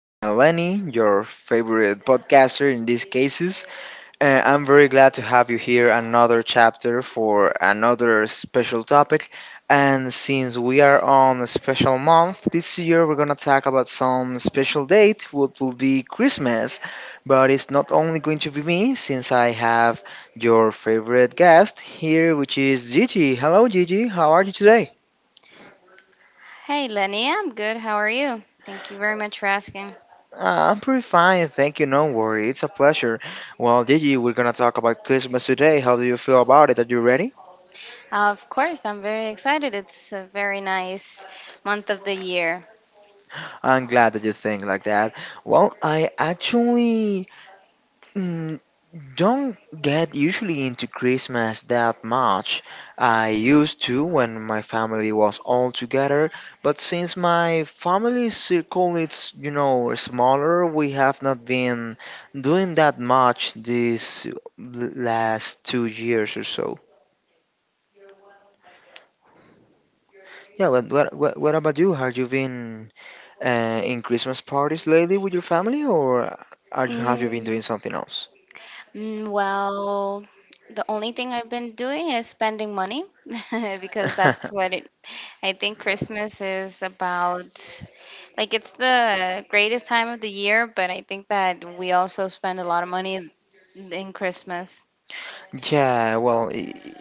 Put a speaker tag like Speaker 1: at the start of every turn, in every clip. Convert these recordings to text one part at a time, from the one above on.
Speaker 1: Lenny, your favorite podcaster in these cases. I'm very glad to have you here another chapter for another special topic. And since we are on a special month this year, we're gonna talk about some special date, what will be Christmas. But it's not only going to be me, since I have your favorite guest here, which is Gigi. Hello, Gigi. How are you today?
Speaker 2: Hey Lenny, I'm good. How are you? Thank you very much for asking.
Speaker 1: I'm pretty fine, thank you. No worry, it's a pleasure. Well, Gigi, we're gonna talk about Christmas today. How do you feel about it? Are you ready?
Speaker 2: Of course, I'm very excited. It's a very nice month of the year.
Speaker 1: I'm glad that you think like that. Well, I actually mm, don't get usually into Christmas that much. I used to when my family was all together, but since my family circle is, you know, smaller, we have not been doing that much these last 2 years or so. Yeah, what about you? Have you been in Christmas parties lately with your family, or have you been
Speaker 2: Mm,
Speaker 1: doing something else?
Speaker 2: well, the only thing I've been doing is spending money because I think Christmas is about. Like, it's the greatest time of the year, but I think that we also spend a lot of money in Christmas.
Speaker 1: Yeah, well,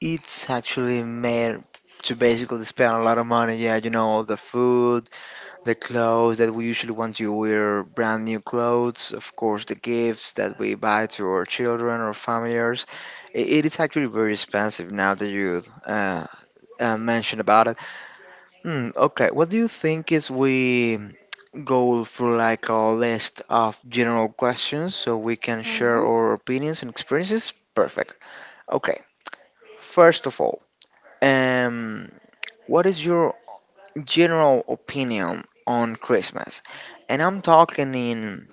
Speaker 1: it's actually made to basically spend a lot of money. Yeah, you know, all the food, the clothes that we usually want to wear, brand new clothes, of course, the gifts that we buy to our children or families. It is actually very expensive now that you mentioned about it. Hmm, okay. What do you think is we go through like a list of general questions so we can share
Speaker 2: Mm-hmm.
Speaker 1: our opinions and experiences? Perfect. Okay. First of all, um, what is your general opinion on Christmas? And I'm talking in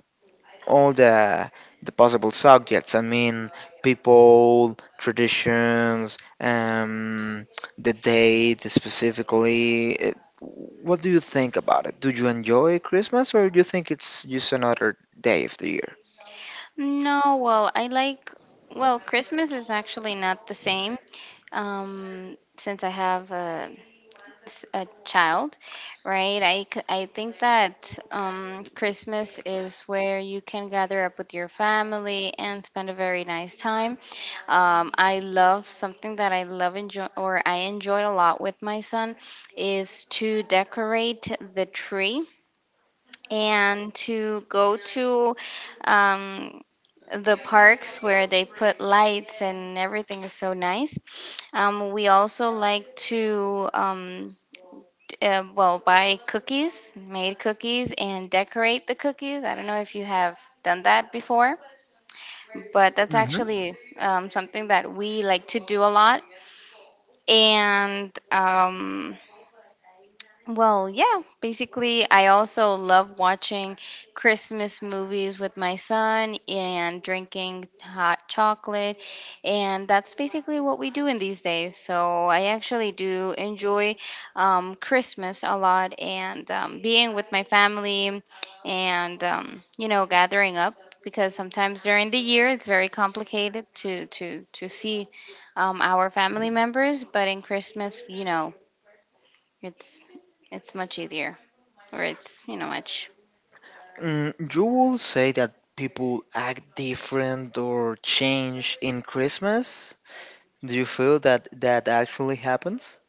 Speaker 1: all the possible subjects. I mean, people, traditions, the date specifically. What do you think about it? Do you enjoy Christmas, or do you think it's just another day of the year?
Speaker 2: No, well, I like, well, Christmas is actually not the same since I have a child, right? I think that Christmas is where you can gather up with your family and spend a very nice time. I love something that I love enjoy or I enjoy a lot with my son is to decorate the tree and to go to um, the parks where they put lights and everything is so nice. We also like to, well, buy cookies, made cookies, and decorate the cookies. I don't know if you have done that before, but that's
Speaker 1: Hmm.
Speaker 2: actually something that we like to do a lot. And, well, yeah, basically, I also love watching Christmas movies with my son and drinking hot chocolate. And that's basically what we do in these days. So I actually do enjoy Christmas a lot and being with my family and, gathering up because sometimes during the year it's very complicated to, see our family members. But in Christmas, it's it's much easier, or it's much.
Speaker 1: Mm, you will say that people act different or change in Christmas? Do you feel that actually happens?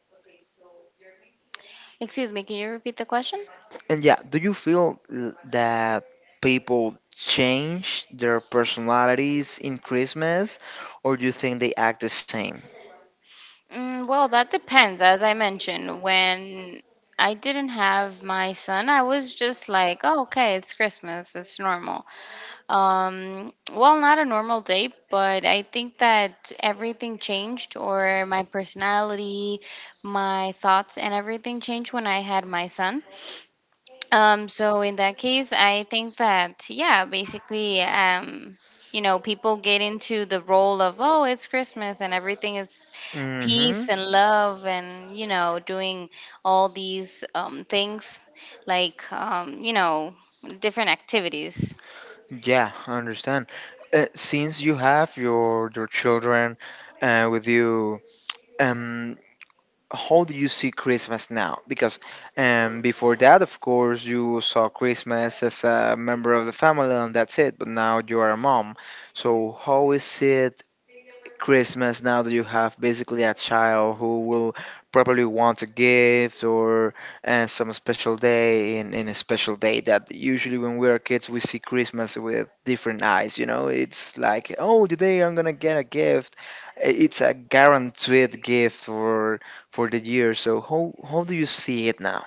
Speaker 2: Excuse me, can you repeat the question?
Speaker 1: And yeah, do you feel that people change their personalities in Christmas, or do you think they act the same?
Speaker 2: Well, that depends. As I mentioned, when I didn't have my son, I was just like, oh, okay, it's Christmas, it's normal. Well, not a normal day, but I think that everything changed, or my personality, my thoughts, and everything changed when I had my son. So in that case, I think that yeah, basically, people get into the role of oh, it's Christmas and everything is
Speaker 1: Mm-hmm.
Speaker 2: peace and love and doing all these things like different activities.
Speaker 1: Yeah, I understand. Since you have your children with you, um, how do you see Christmas now? Because before that, of course, you saw Christmas as a member of the family and that's it. But now you are a mom. So how is it? Christmas now that you have basically a child who will probably want a gift or and some special day in a special day that usually when we are kids we see Christmas with different eyes, you know? It's like, oh, today I'm gonna get a gift. It's a guaranteed gift for the year. So how do you see it now?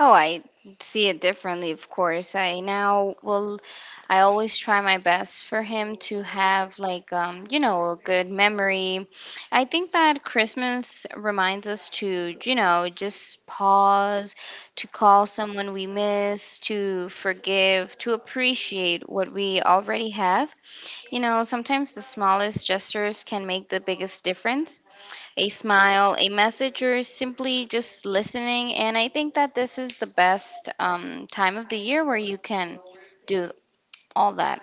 Speaker 2: Oh, I see it differently, of course. I always try my best for him to have, like, a good memory. I think that Christmas reminds us to, just pause, to call someone we miss, to forgive, to appreciate what we already have. Sometimes the smallest gestures can make the biggest difference: a smile, a message, or simply just listening. And I think that this is the best time of the year where you can do all that.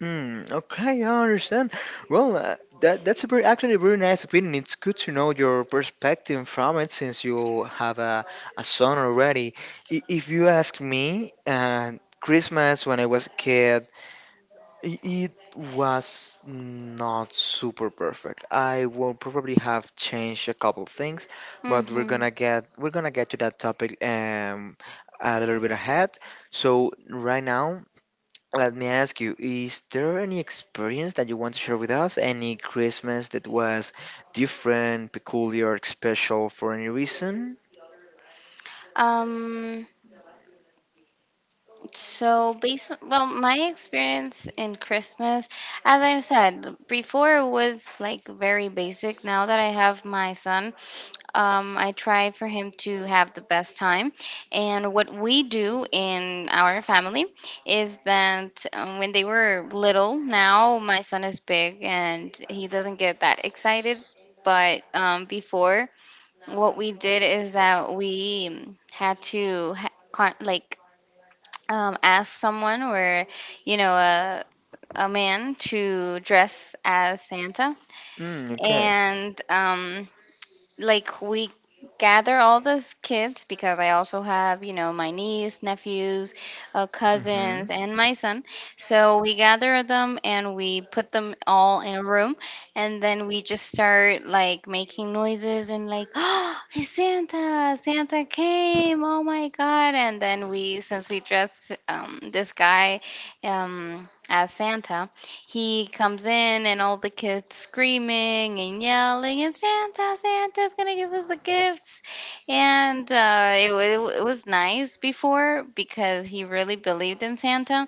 Speaker 1: Hmm. Okay, I understand. Well, that's a very actually a very nice opinion. It's good to know your perspective from it since you have a son already. If you ask me, Christmas when I was a kid, it was not super perfect. I will probably have changed a couple things, but
Speaker 2: Mm-hmm.
Speaker 1: we're gonna get to that topic a little bit ahead. So right now let me ask you, is there any experience that you want to share with us? Any Christmas that was different, peculiar, special for any reason?
Speaker 2: Um, So, based on, well, my experience in Christmas, as I said before, was like very basic. Now that I have my son, I try for him to have the best time. And what we do in our family is that when they were little, now my son is big and he doesn't get that excited. But before, what we did is that we had to like ask someone or you know a, a man to dress as Santa
Speaker 1: Mm, okay.
Speaker 2: and like we gather all those kids because I also have, my niece, nephews,
Speaker 1: Mm-hmm.
Speaker 2: cousins, and my son. So we gather them and we put them all in a room, and then we just start like making noises and like, oh, it's Santa! Santa came! Oh my God! And then since we dressed this guy as Santa he comes in and all the kids screaming and yelling and Santa, Santa's gonna give us the gifts. And it was nice before because he really believed in Santa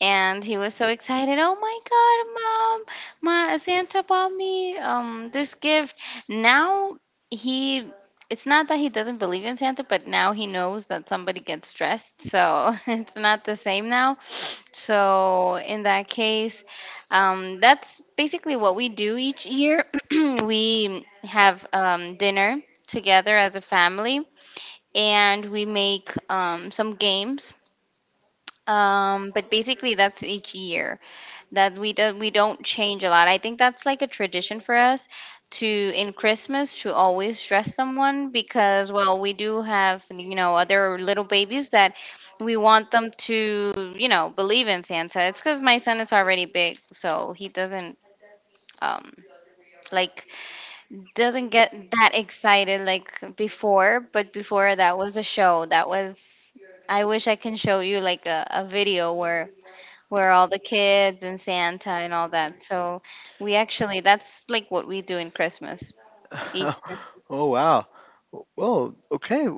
Speaker 2: and he was so excited. Oh my God, mom, my Santa bought me this gift. Now he. It's not that he doesn't believe in Santa, but now he knows that somebody gets dressed, so it's not the same now so in that case, that's basically what we do each year. We have dinner together as a family, and we make some games. But basically, that's each year that we do, we don't change a lot. I think that's like a tradition for us to in Christmas to always dress someone because well we do have other little babies that we want them to believe in Santa. It's because my son is already big, so he doesn't um like doesn't get that excited like before. But before that was a show that was. I wish I can show you like a video where all the kids and Santa and all that. So we actually that's like what we do in Christmas each Christmas.
Speaker 1: Oh, wow. Well, okay.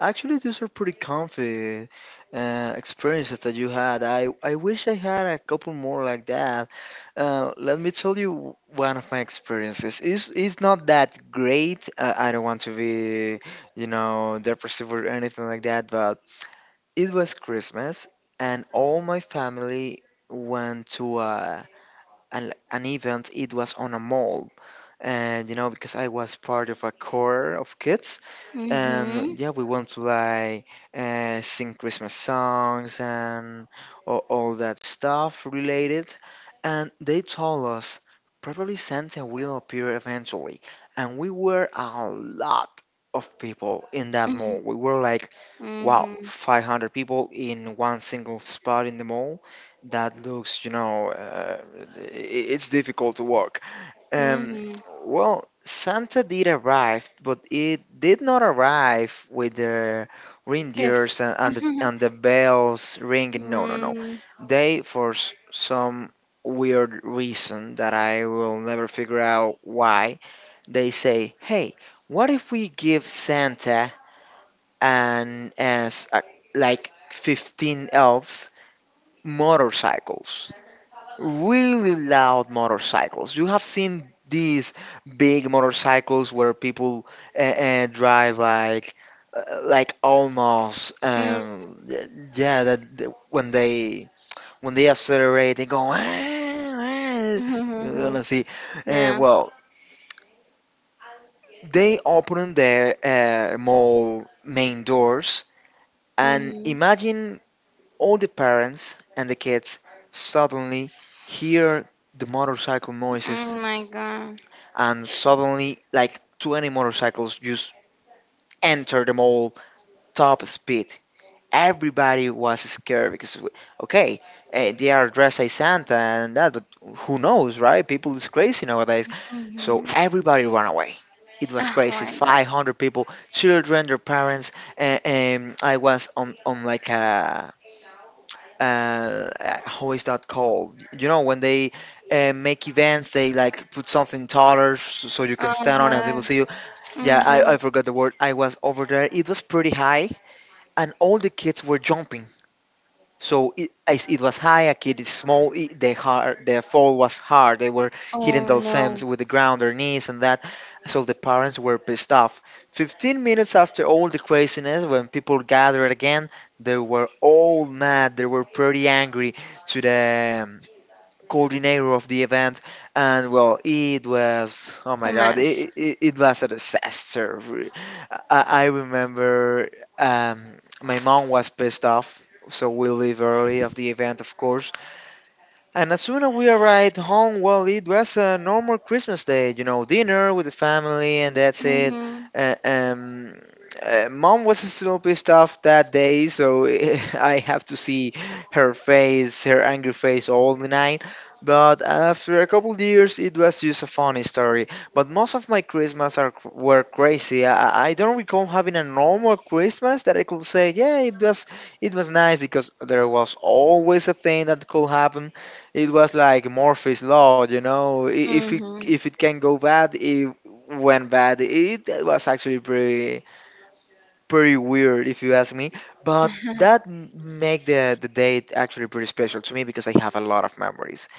Speaker 1: Actually, these are pretty comfy experiences that you had. I wish I had a couple more like that. Let me tell you one of my experiences. It's not that great. I don't want to be, you know, depressive or anything like that, but it was Christmas and all my family went to an event. It was on a mall. And, you know, because I was part of a core of kids and
Speaker 2: Mhm.
Speaker 1: yeah, we want to like sing Christmas songs and all that stuff related, and they told us probably Santa will appear eventually, and we were a lot of people in that mall.
Speaker 2: Mhm.
Speaker 1: We were like, wow,
Speaker 2: Mhm.
Speaker 1: 500 people in one single spot in the mall. That looks, you know, i- it's difficult to work. um,
Speaker 2: Mhm.
Speaker 1: well, Santa did arrive, but it did not arrive with the
Speaker 2: Gifts.
Speaker 1: reindeers and, and the bells ringing. No, no, no.
Speaker 2: Mm,
Speaker 1: They, for some weird reason that I will never figure out why, they say, "Hey, what if we give Santa and as like 15 elves motorcycles?" Really loud motorcycles. You have seen these big motorcycles where people drive like almost
Speaker 2: mm,
Speaker 1: yeah when they accelerate they go,
Speaker 2: mhm.
Speaker 1: let's see, and
Speaker 2: Yeah.
Speaker 1: well, they open their mall main doors. And
Speaker 2: Mhm.
Speaker 1: imagine all the parents and the kids suddenly hear the motorcycle
Speaker 2: Oh
Speaker 1: noises,
Speaker 2: my God.
Speaker 1: and suddenly, like 20 motorcycles just entered the mall top speed. Everybody was scared because, okay, they are dressed as Santa and that, but who knows, right? People is crazy nowadays.
Speaker 2: Mhm.
Speaker 1: So everybody ran away. It was
Speaker 2: Oh
Speaker 1: crazy.
Speaker 2: my God.
Speaker 1: 500 people, children, their parents. I was on like a, uh, how is that called? You know, when they make events, they like put something taller so you can
Speaker 2: Uh
Speaker 1: stand on and
Speaker 2: huh.
Speaker 1: people see you. Yeah,
Speaker 2: Mhm.
Speaker 1: I forgot the word. I was over there. It was pretty high, and all the kids were jumping. So it, as it was high, a kid is small. The fall was hard. They were hitting
Speaker 2: Oh no.
Speaker 1: themselves with the ground, their knees, and that. So the parents were pissed off. 15 minutes after all the craziness, when people gathered again, they were all mad. They were pretty angry to the coordinator of the event, and well, it was, oh
Speaker 2: A
Speaker 1: my god,
Speaker 2: mess.
Speaker 1: it was a disaster. I remember my mom was pissed off, so we leave early of the event, of course, and as soon as we arrived home, well, it was a normal Christmas day, you know, dinner with the family, and that's it.
Speaker 2: Mhm.
Speaker 1: Uh, um, Mom was still pissed off that day, so I have to see her face, her angry face, all the night. But after a couple of years, it was just a funny story. But most of my Christmas are were crazy. I don't recall having a normal Christmas that I could say, yeah, it was nice, because there was always a thing that could happen. It was like Murphy's law, you know. If
Speaker 2: Mhm.
Speaker 1: it can go bad, it went bad. It was actually pretty weird, if you ask me. But make the date actually pretty special to me because I have a lot of memories.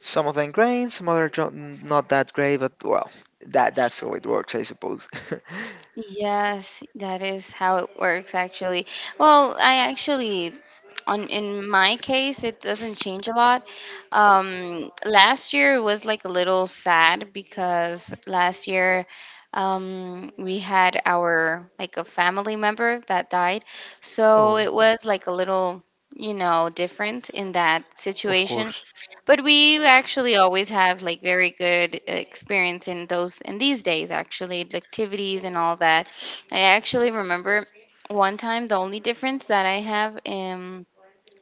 Speaker 1: Some of them great, some other not that great, but well, that's how it works, I suppose.
Speaker 2: Yes, that is how it works actually. Well, I actually on in my case it doesn't change a lot. Last year was like a little sad because last year we had our like a family member that died. So
Speaker 1: Oh,
Speaker 2: it was like a little, different in that
Speaker 1: of
Speaker 2: situation
Speaker 1: course.
Speaker 2: but we actually always have like very good experience in those in these days actually the activities and all that. I actually remember one time the only difference that I have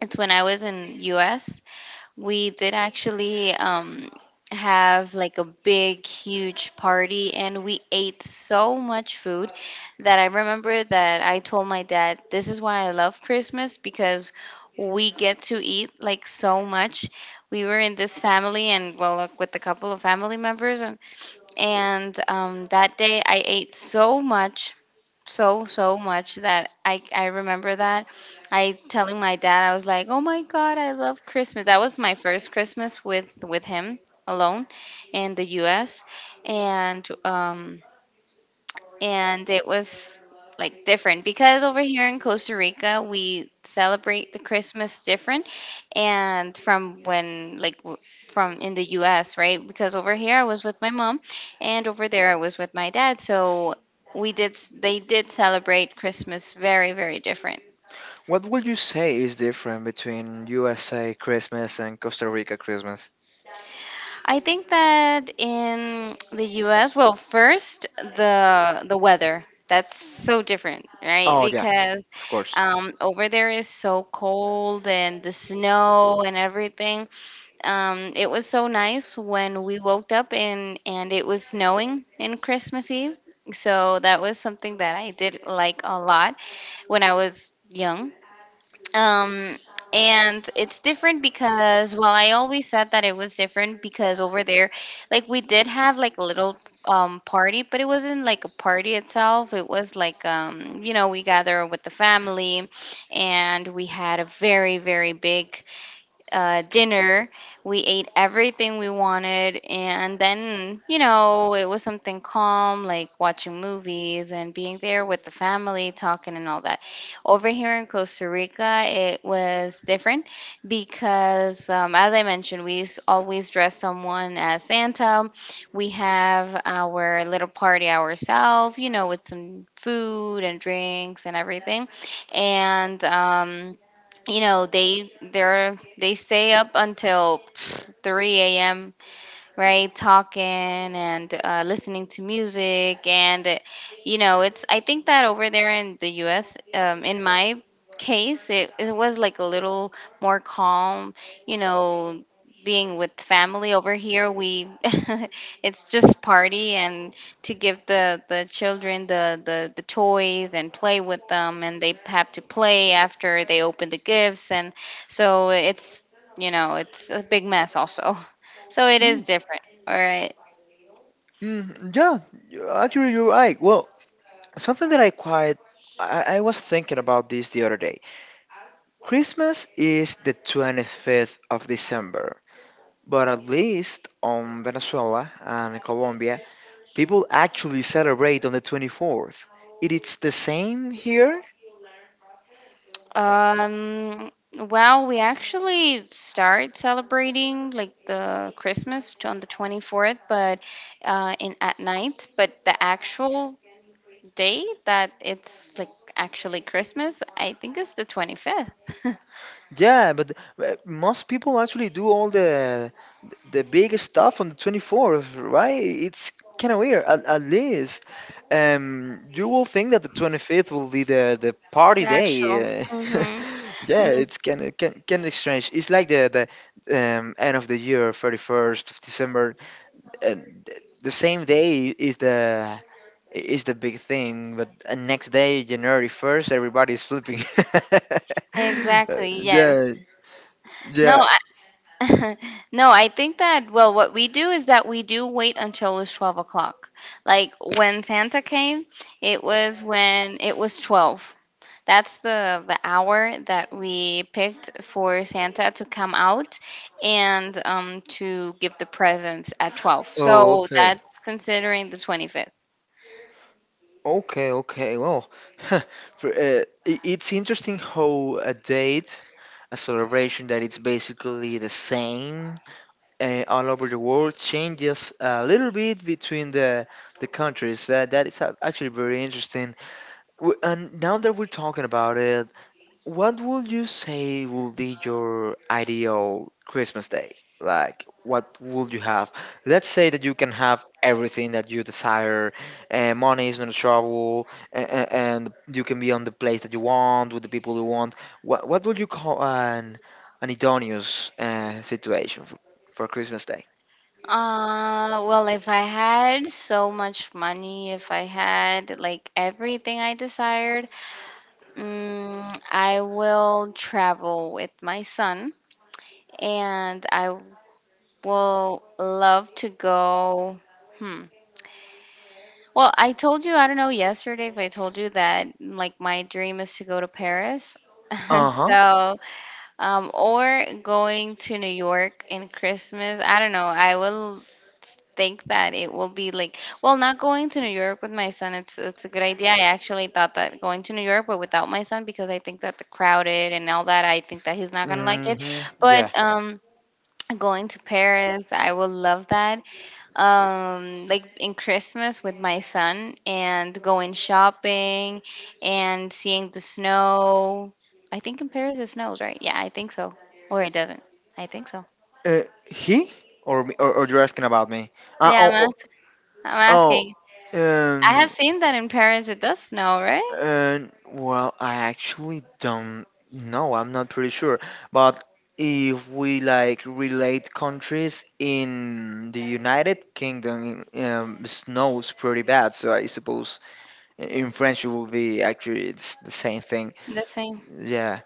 Speaker 2: it's when I was in US we did actually have like a big, huge party, and we ate so much food that I remember that I told my dad, This is why I love Christmas because we get to eat like so much. We were in this family, and well, like, with a couple of family members, and that day I ate so much so much that I remember that I telling my dad I was like, "Oh my God, I love Christmas." That was my first Christmas with him alone in the US and um and it was like different because over here in Costa Rica we celebrate the Christmas different and from when like from in the US right because over here I was with my mom and over there I was with my dad so they did celebrate Christmas very very different.
Speaker 1: What would you say is different between USA Christmas and Costa Rica Christmas?
Speaker 2: I think that in the US, well, first the weather. That's so different, right?
Speaker 1: Oh yeah,
Speaker 2: Because
Speaker 1: of course.
Speaker 2: over there is so cold and the snow and everything. It was so nice when we woke up and it was snowing in Christmas Eve. So that was something that I did like a lot when I was young um, and it's different because, well, I always said that it was different because over there, like we did have like a little party, but it wasn't like a party itself. It was like we gather with the family and we had a very, very big dinner. We ate everything we wanted, and then, it was something calm, like watching movies and being there with the family, talking and all that. Over here in Costa Rica, it was different because, as I mentioned, we always dress someone as Santa. We have our little party ourselves, with some food and drinks and everything. And, they stay up until 3 a.m. right? Talking and listening to music. And, I think that over there in the US, in my case, it was like a little more calm, you know, being with family over here, it's just party and to give the children the toys and play with them. And they have to play after they open the gifts. And so it's a big mess also. So it is different. All right.
Speaker 1: Mm, yeah, actually, you're right. Well, something that I quite I was thinking about this the other day. Christmas is the 25th of December, but at least on Venezuela and Colombia, people actually celebrate on the 24th. It is the same here.
Speaker 2: Um, well, we actually start celebrating like the Christmas on the 24th, but in at night. But the actual day that it's like actually Christmas, I think it's the 25th.
Speaker 1: Yeah, but most people actually do all the big stuff on the 24th, right? It's kind of weird. At least you will think that the 25th will be the
Speaker 2: The
Speaker 1: party day.
Speaker 2: actual. Mm-hmm.
Speaker 1: Yeah, it's kind of strange. It's like the end of the year, 31st of December, and the same day is the big thing. But next day, January 1st, everybody's sleeping.
Speaker 2: Exactly. Yes.
Speaker 1: Yeah,
Speaker 2: No,
Speaker 1: yeah.
Speaker 2: No, I think that, well, what we do is that we do wait until it's 12 o'clock. Like when Santa came, it was when it was 12. That's the hour that we picked for Santa to come out and to give the presents at 12.
Speaker 1: Oh,
Speaker 2: So
Speaker 1: okay.
Speaker 2: that's considering the 25th.
Speaker 1: Okay, okay. Well, it's interesting how a date, a celebration that it's basically the same all over the world, changes a little bit between the countries. That is actually very interesting. And now that we're talking about it, what would you say would be your ideal Christmas day? Like, what would you have? Let's say that you can have everything that you desire, and money is not a trouble, and you can be on the place that you want with the people you want. What would you call an idolaneous situation for Christmas day?
Speaker 2: Well, if I had so much money, if I had like everything I desired, I will travel with my son and I will love to go. Hmm. Well, I told you, I don't know yesterday if I told you that like my dream is to go to Paris.
Speaker 1: Uh-huh.
Speaker 2: So or going to New York in Christmas. I don't know. I think that it will be like not going to New York with my son. It's a good idea. I actually thought that going to New York, but without my son, because I think that the crowded and all that. I think that he's not gonna like it.
Speaker 1: Mm-hmm. Yeah.
Speaker 2: But going to Paris, I will love that like in Christmas with my son and going shopping and seeing the snow. I think in Paris it snows, right? Yeah, I think so. Or it doesn't. I think so.
Speaker 1: He or, me, or you're asking about me? Uh,
Speaker 2: yeah i'm,
Speaker 1: oh,
Speaker 2: ask- I'm
Speaker 1: oh,
Speaker 2: asking.
Speaker 1: oh,
Speaker 2: I
Speaker 1: um.
Speaker 2: have seen that in Paris it does snow, right?
Speaker 1: And well, I actually don't know. I'm not pretty sure. But if we like relate countries in the United Kingdom, snows pretty bad. So I suppose in French it will be actually it's the same thing.
Speaker 2: The same.
Speaker 1: Yeah.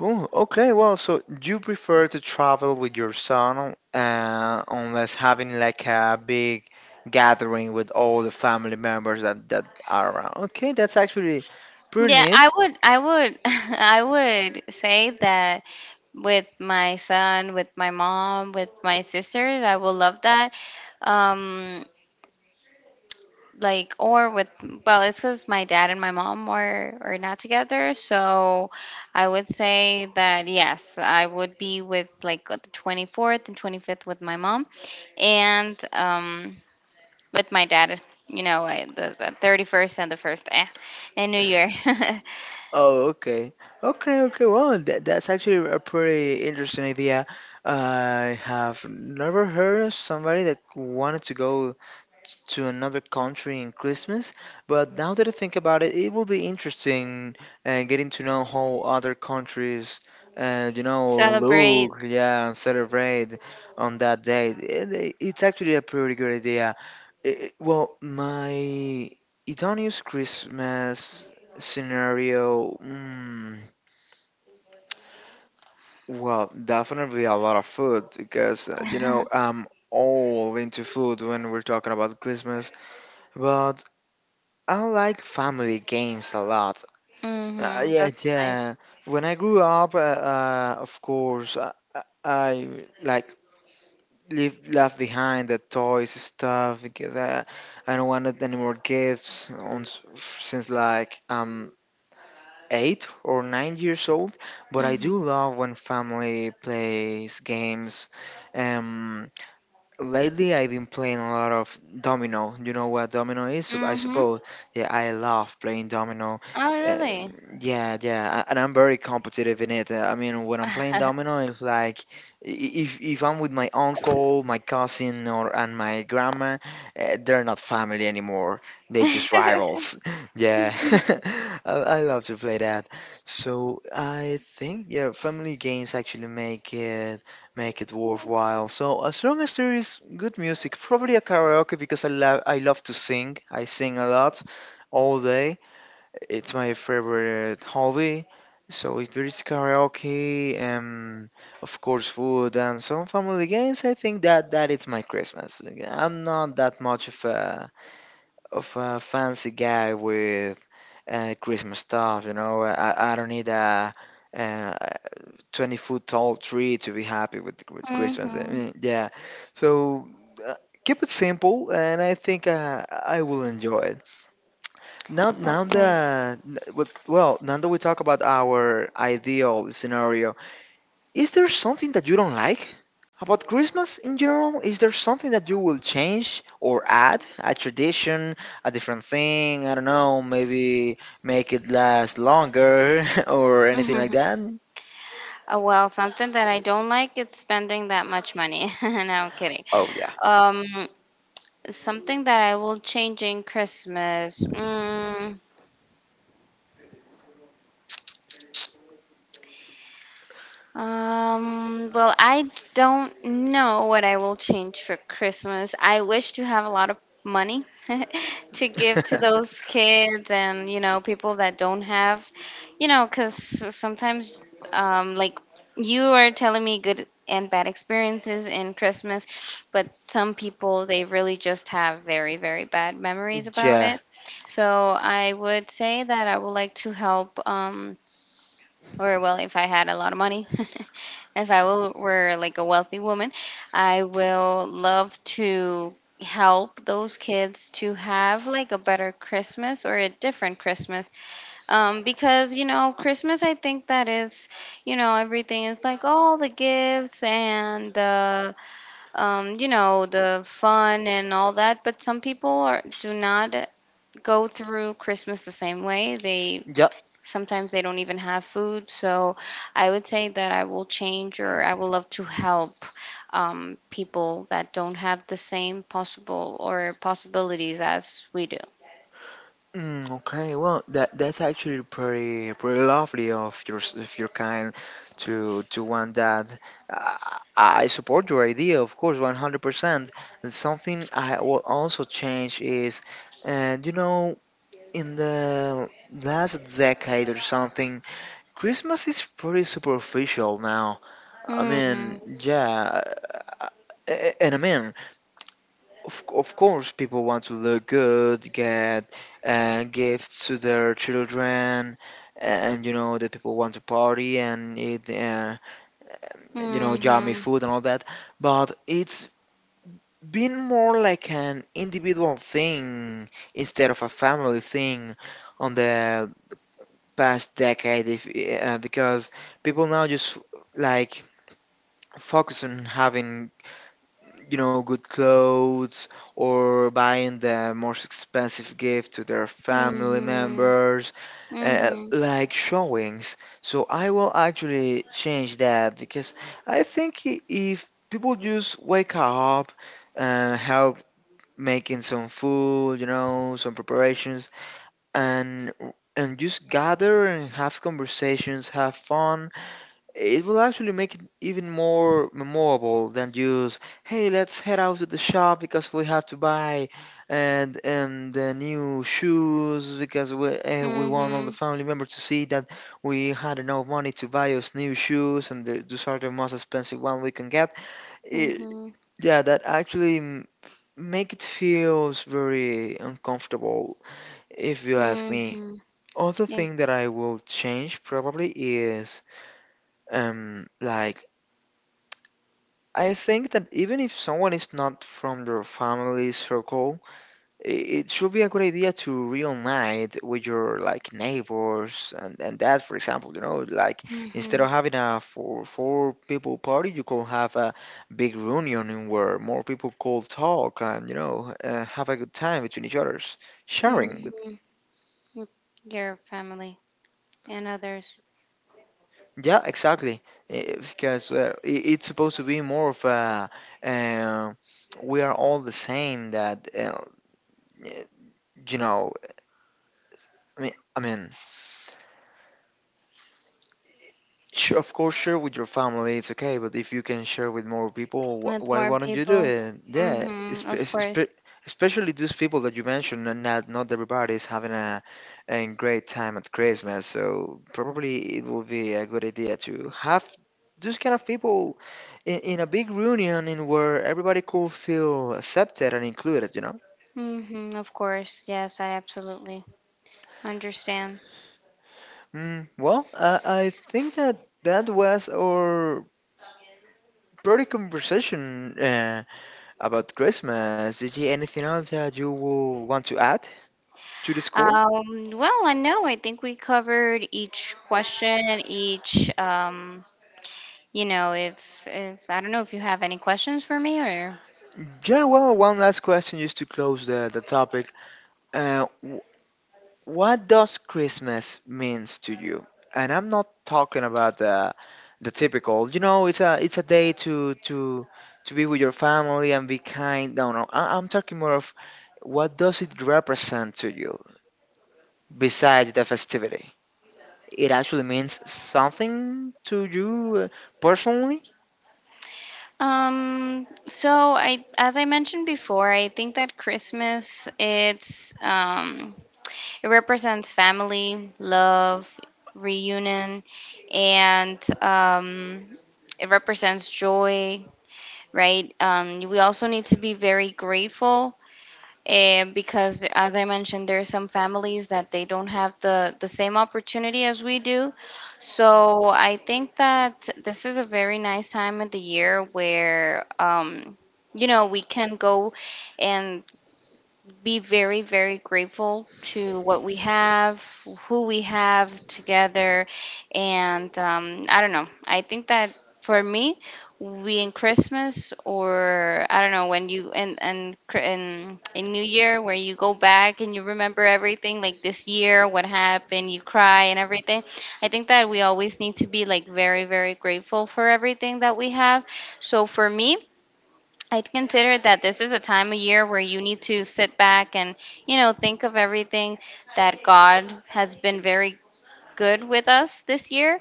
Speaker 1: Oh, okay. Well, so you prefer to travel with your son, unless having like a big gathering with all the family members that are around. Okay, that's actually. Pretty
Speaker 2: Yeah,
Speaker 1: neat.
Speaker 2: I would I would say that with my son, with my mom, with my sisters, I will love that. um like or with, well, it's because my dad and my mom are not together. So I would say that yes, I would be with like the 24th and 25th with my mom, and with my dad, the 31st and the 1st, and new year.
Speaker 1: Oh, okay. Okay, okay. Well, that's actually a pretty interesting idea. I have never heard of somebody that wanted to go to another country in Christmas. But now that I think about it, it will be interesting getting to know how other countries, you know,
Speaker 2: Celebrate.
Speaker 1: look, yeah, and celebrate on that day. It's actually a pretty good idea. Well, my Idonius Christmas scenario. Well, definitely a lot of food because you know I'm all into food when we're talking about Christmas. But I like family games a lot.
Speaker 2: Mm-hmm,
Speaker 1: Yeah,
Speaker 2: that's
Speaker 1: yeah.
Speaker 2: nice.
Speaker 1: When I grew up, of course, I like leave left behind the toys stuff because I don't wanted any more gifts on since like 8 or 9 years old. But I do
Speaker 2: Mm-hmm.
Speaker 1: love when family plays games. Um, Lately, I've been playing a lot of domino. You know what domino is, I
Speaker 2: Mm-hmm.
Speaker 1: suppose. Yeah, I love playing domino.
Speaker 2: Oh really?
Speaker 1: Yeah, yeah, and I'm very competitive in it. I mean, when I'm playing domino, it's like if if I'm with my uncle, my cousin, or and my grandma, they're not family anymore. They're just rivals. Yeah, I love to play that. So I think yeah, family games actually make it worthwhile. So as long as there is good music, probably a karaoke because I love to sing. I sing a lot all day. It's my favorite hobby. So if there is karaoke, of course food and some family games, I think that that is my Christmas. I'm not that much of a fancy guy with Christmas stuff, you know. I don't need a uh, 20-foot tall tree to be happy with Christmas.
Speaker 2: Mm-hmm.
Speaker 1: Yeah. So uh, keep it simple, and I think I will enjoy it. Now, now
Speaker 2: Okay.
Speaker 1: that n- with- well, now that we talk about our ideal scenario, is there something that you don't like about Christmas in general? Is there something that you will change or add? A tradition, a different thing? I don't know. Maybe make it last longer or anything like that.
Speaker 2: Well, something that I don't like is spending that much money. No, I'm kidding.
Speaker 1: Oh yeah.
Speaker 2: Um, Something that I will change in Christmas. Um, well, I d- don't know what I will change for Christmas. I wish to have a lot of money to give to those kids and, you know, people that don't have, you know, because sometimes, like, you are telling me good and bad experiences in Christmas, but some people, they really just have very, very bad memories about it. So I would say that I would like to help, or well, if I had a lot of money, if I will, were like a wealthy woman, I will love to help those kids to have like a better Christmas or a different Christmas. Because you know, Christmas, I think that is, you know, everything is like all the gifts and the, you know, the fun and all that. But some people are do not go through Christmas the same way. They
Speaker 1: Yeah.
Speaker 2: sometimes they don't even have food. So I would say that I will change or I will love to help people that don't have the same possible or possibilities as we do.
Speaker 1: Okay. Well, that's actually pretty lovely of your kind to want that. Uh, I support your idea, of course, 100%. And something I will also change is, and you know, in the last decade or something, Christmas is pretty superficial now. I
Speaker 2: Mm-hmm.
Speaker 1: mean, yeah, uh, and I mean, of course, people want to look good, get gifts to their children, and you know that people want to party and eat, you know, yummy
Speaker 2: Hmm
Speaker 1: food and all that. But it's been more like an individual thing instead of a family thing on the past decade, if, because people now just like focus on having you know, good clothes or buying the most expensive gift to their family
Speaker 2: hmm. Hmm
Speaker 1: members, like showings. So I will actually change that because I think if people just wake up and help making some food, you know, some preparations, and and just gather and have conversations, have fun it will actually make it even more memorable than just, hey, let's head out to the shop because we have to buy and the new shoes because we
Speaker 2: hmm.
Speaker 1: want all
Speaker 2: Hmm.
Speaker 1: the family members to see that we had enough money to buy us new shoes and those are the most expensive one we can get. It,
Speaker 2: Mm-hmm.
Speaker 1: yeah, that actually make it feels very uncomfortable if you ask me. Other thing that I will change probably is um like I think that even if someone is not from your family circle, i- it should be a good idea to reunite with your like neighbors and that, for example, you know, like instead
Speaker 2: Hmm.
Speaker 1: of having a four people party, you could have a big reunion in where more people could talk and you know have a good time between each others, sharing with.
Speaker 2: Mm. Your family and others.
Speaker 1: Yeah, exactly. Because it's supposed to be more of a uh, we are all the same that. You know, I mean, sure, of course, share with your family, it's okay, but if you can share with more people,
Speaker 2: With more
Speaker 1: why don't you do
Speaker 2: people.
Speaker 1: it? Yeah,
Speaker 2: Hmm. Of course.
Speaker 1: especially those people that you mentioned, and not everybody is having a great time at Christmas, so probably it will be a good idea to have those kind of people in a big reunion in where everybody could feel accepted and included, you know?
Speaker 2: Hmm, of course. Yes, I absolutely understand.
Speaker 1: Well, I think that that was our pretty conversation about Christmas. Did you anything else that you will want to add to the score?
Speaker 2: Well, I know. I think we covered each question, each, you know, if, I don't know if you have any questions for me or.
Speaker 1: Yeah, well, one last question just to close the topic. Uh, wh- what does Christmas means to you? And I'm not talking about the typical. You know, it's a day to be with your family and be kind. No, no, I'm talking more of what does it represent to you besides the festivity? It actually means something to you personally.
Speaker 2: So I, as I mentioned before, I think that Christmas, it's, it represents family, love, reunion, and, it represents joy, right? We also need to be very grateful because, as I mentioned, there are some families that they don't have the same opportunity as we do. So I think that this is a very nice time of the year where, you know, we can go and be very, very grateful to what we have, who we have together. And I don't know. I think that for me, we in Christmas or I don't know when you and Cri- and in New Year where you go back and you remember everything like this year what happened you cry and everything. I think that we always need to be like very, very grateful for everything that we have. So for me, I'd consider that this is a time of year where you need to sit back and, you know, think of everything that God has been very good with us this year.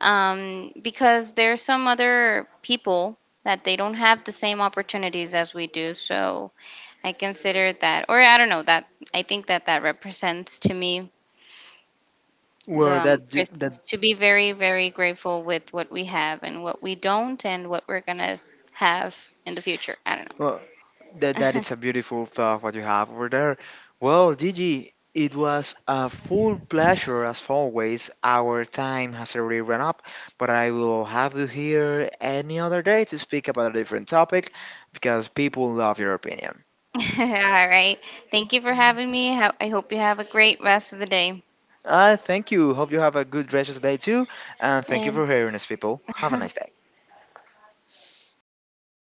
Speaker 2: Because there are some other people that they don't have the same opportunities as we do. So I consider that, or I don't know, that I think that that represents to me the
Speaker 1: well that d- that
Speaker 2: Christmas, to be very, very grateful with what we have and what we don't and what we're going to have in the future. I don't
Speaker 1: well, that that
Speaker 2: know.
Speaker 1: it's a beautiful thought what you have over there. Well, Gigi, it was a full pleasure as always. Our time has already run up, but I will have you here any other day to speak about a different topic because people love your opinion.
Speaker 2: All right. Thank you for having me. I hope you have a great rest of the day.
Speaker 1: I thank you, hope you have a good rest of the day too, and thank you
Speaker 2: And
Speaker 1: for hearing us. People have a nice day.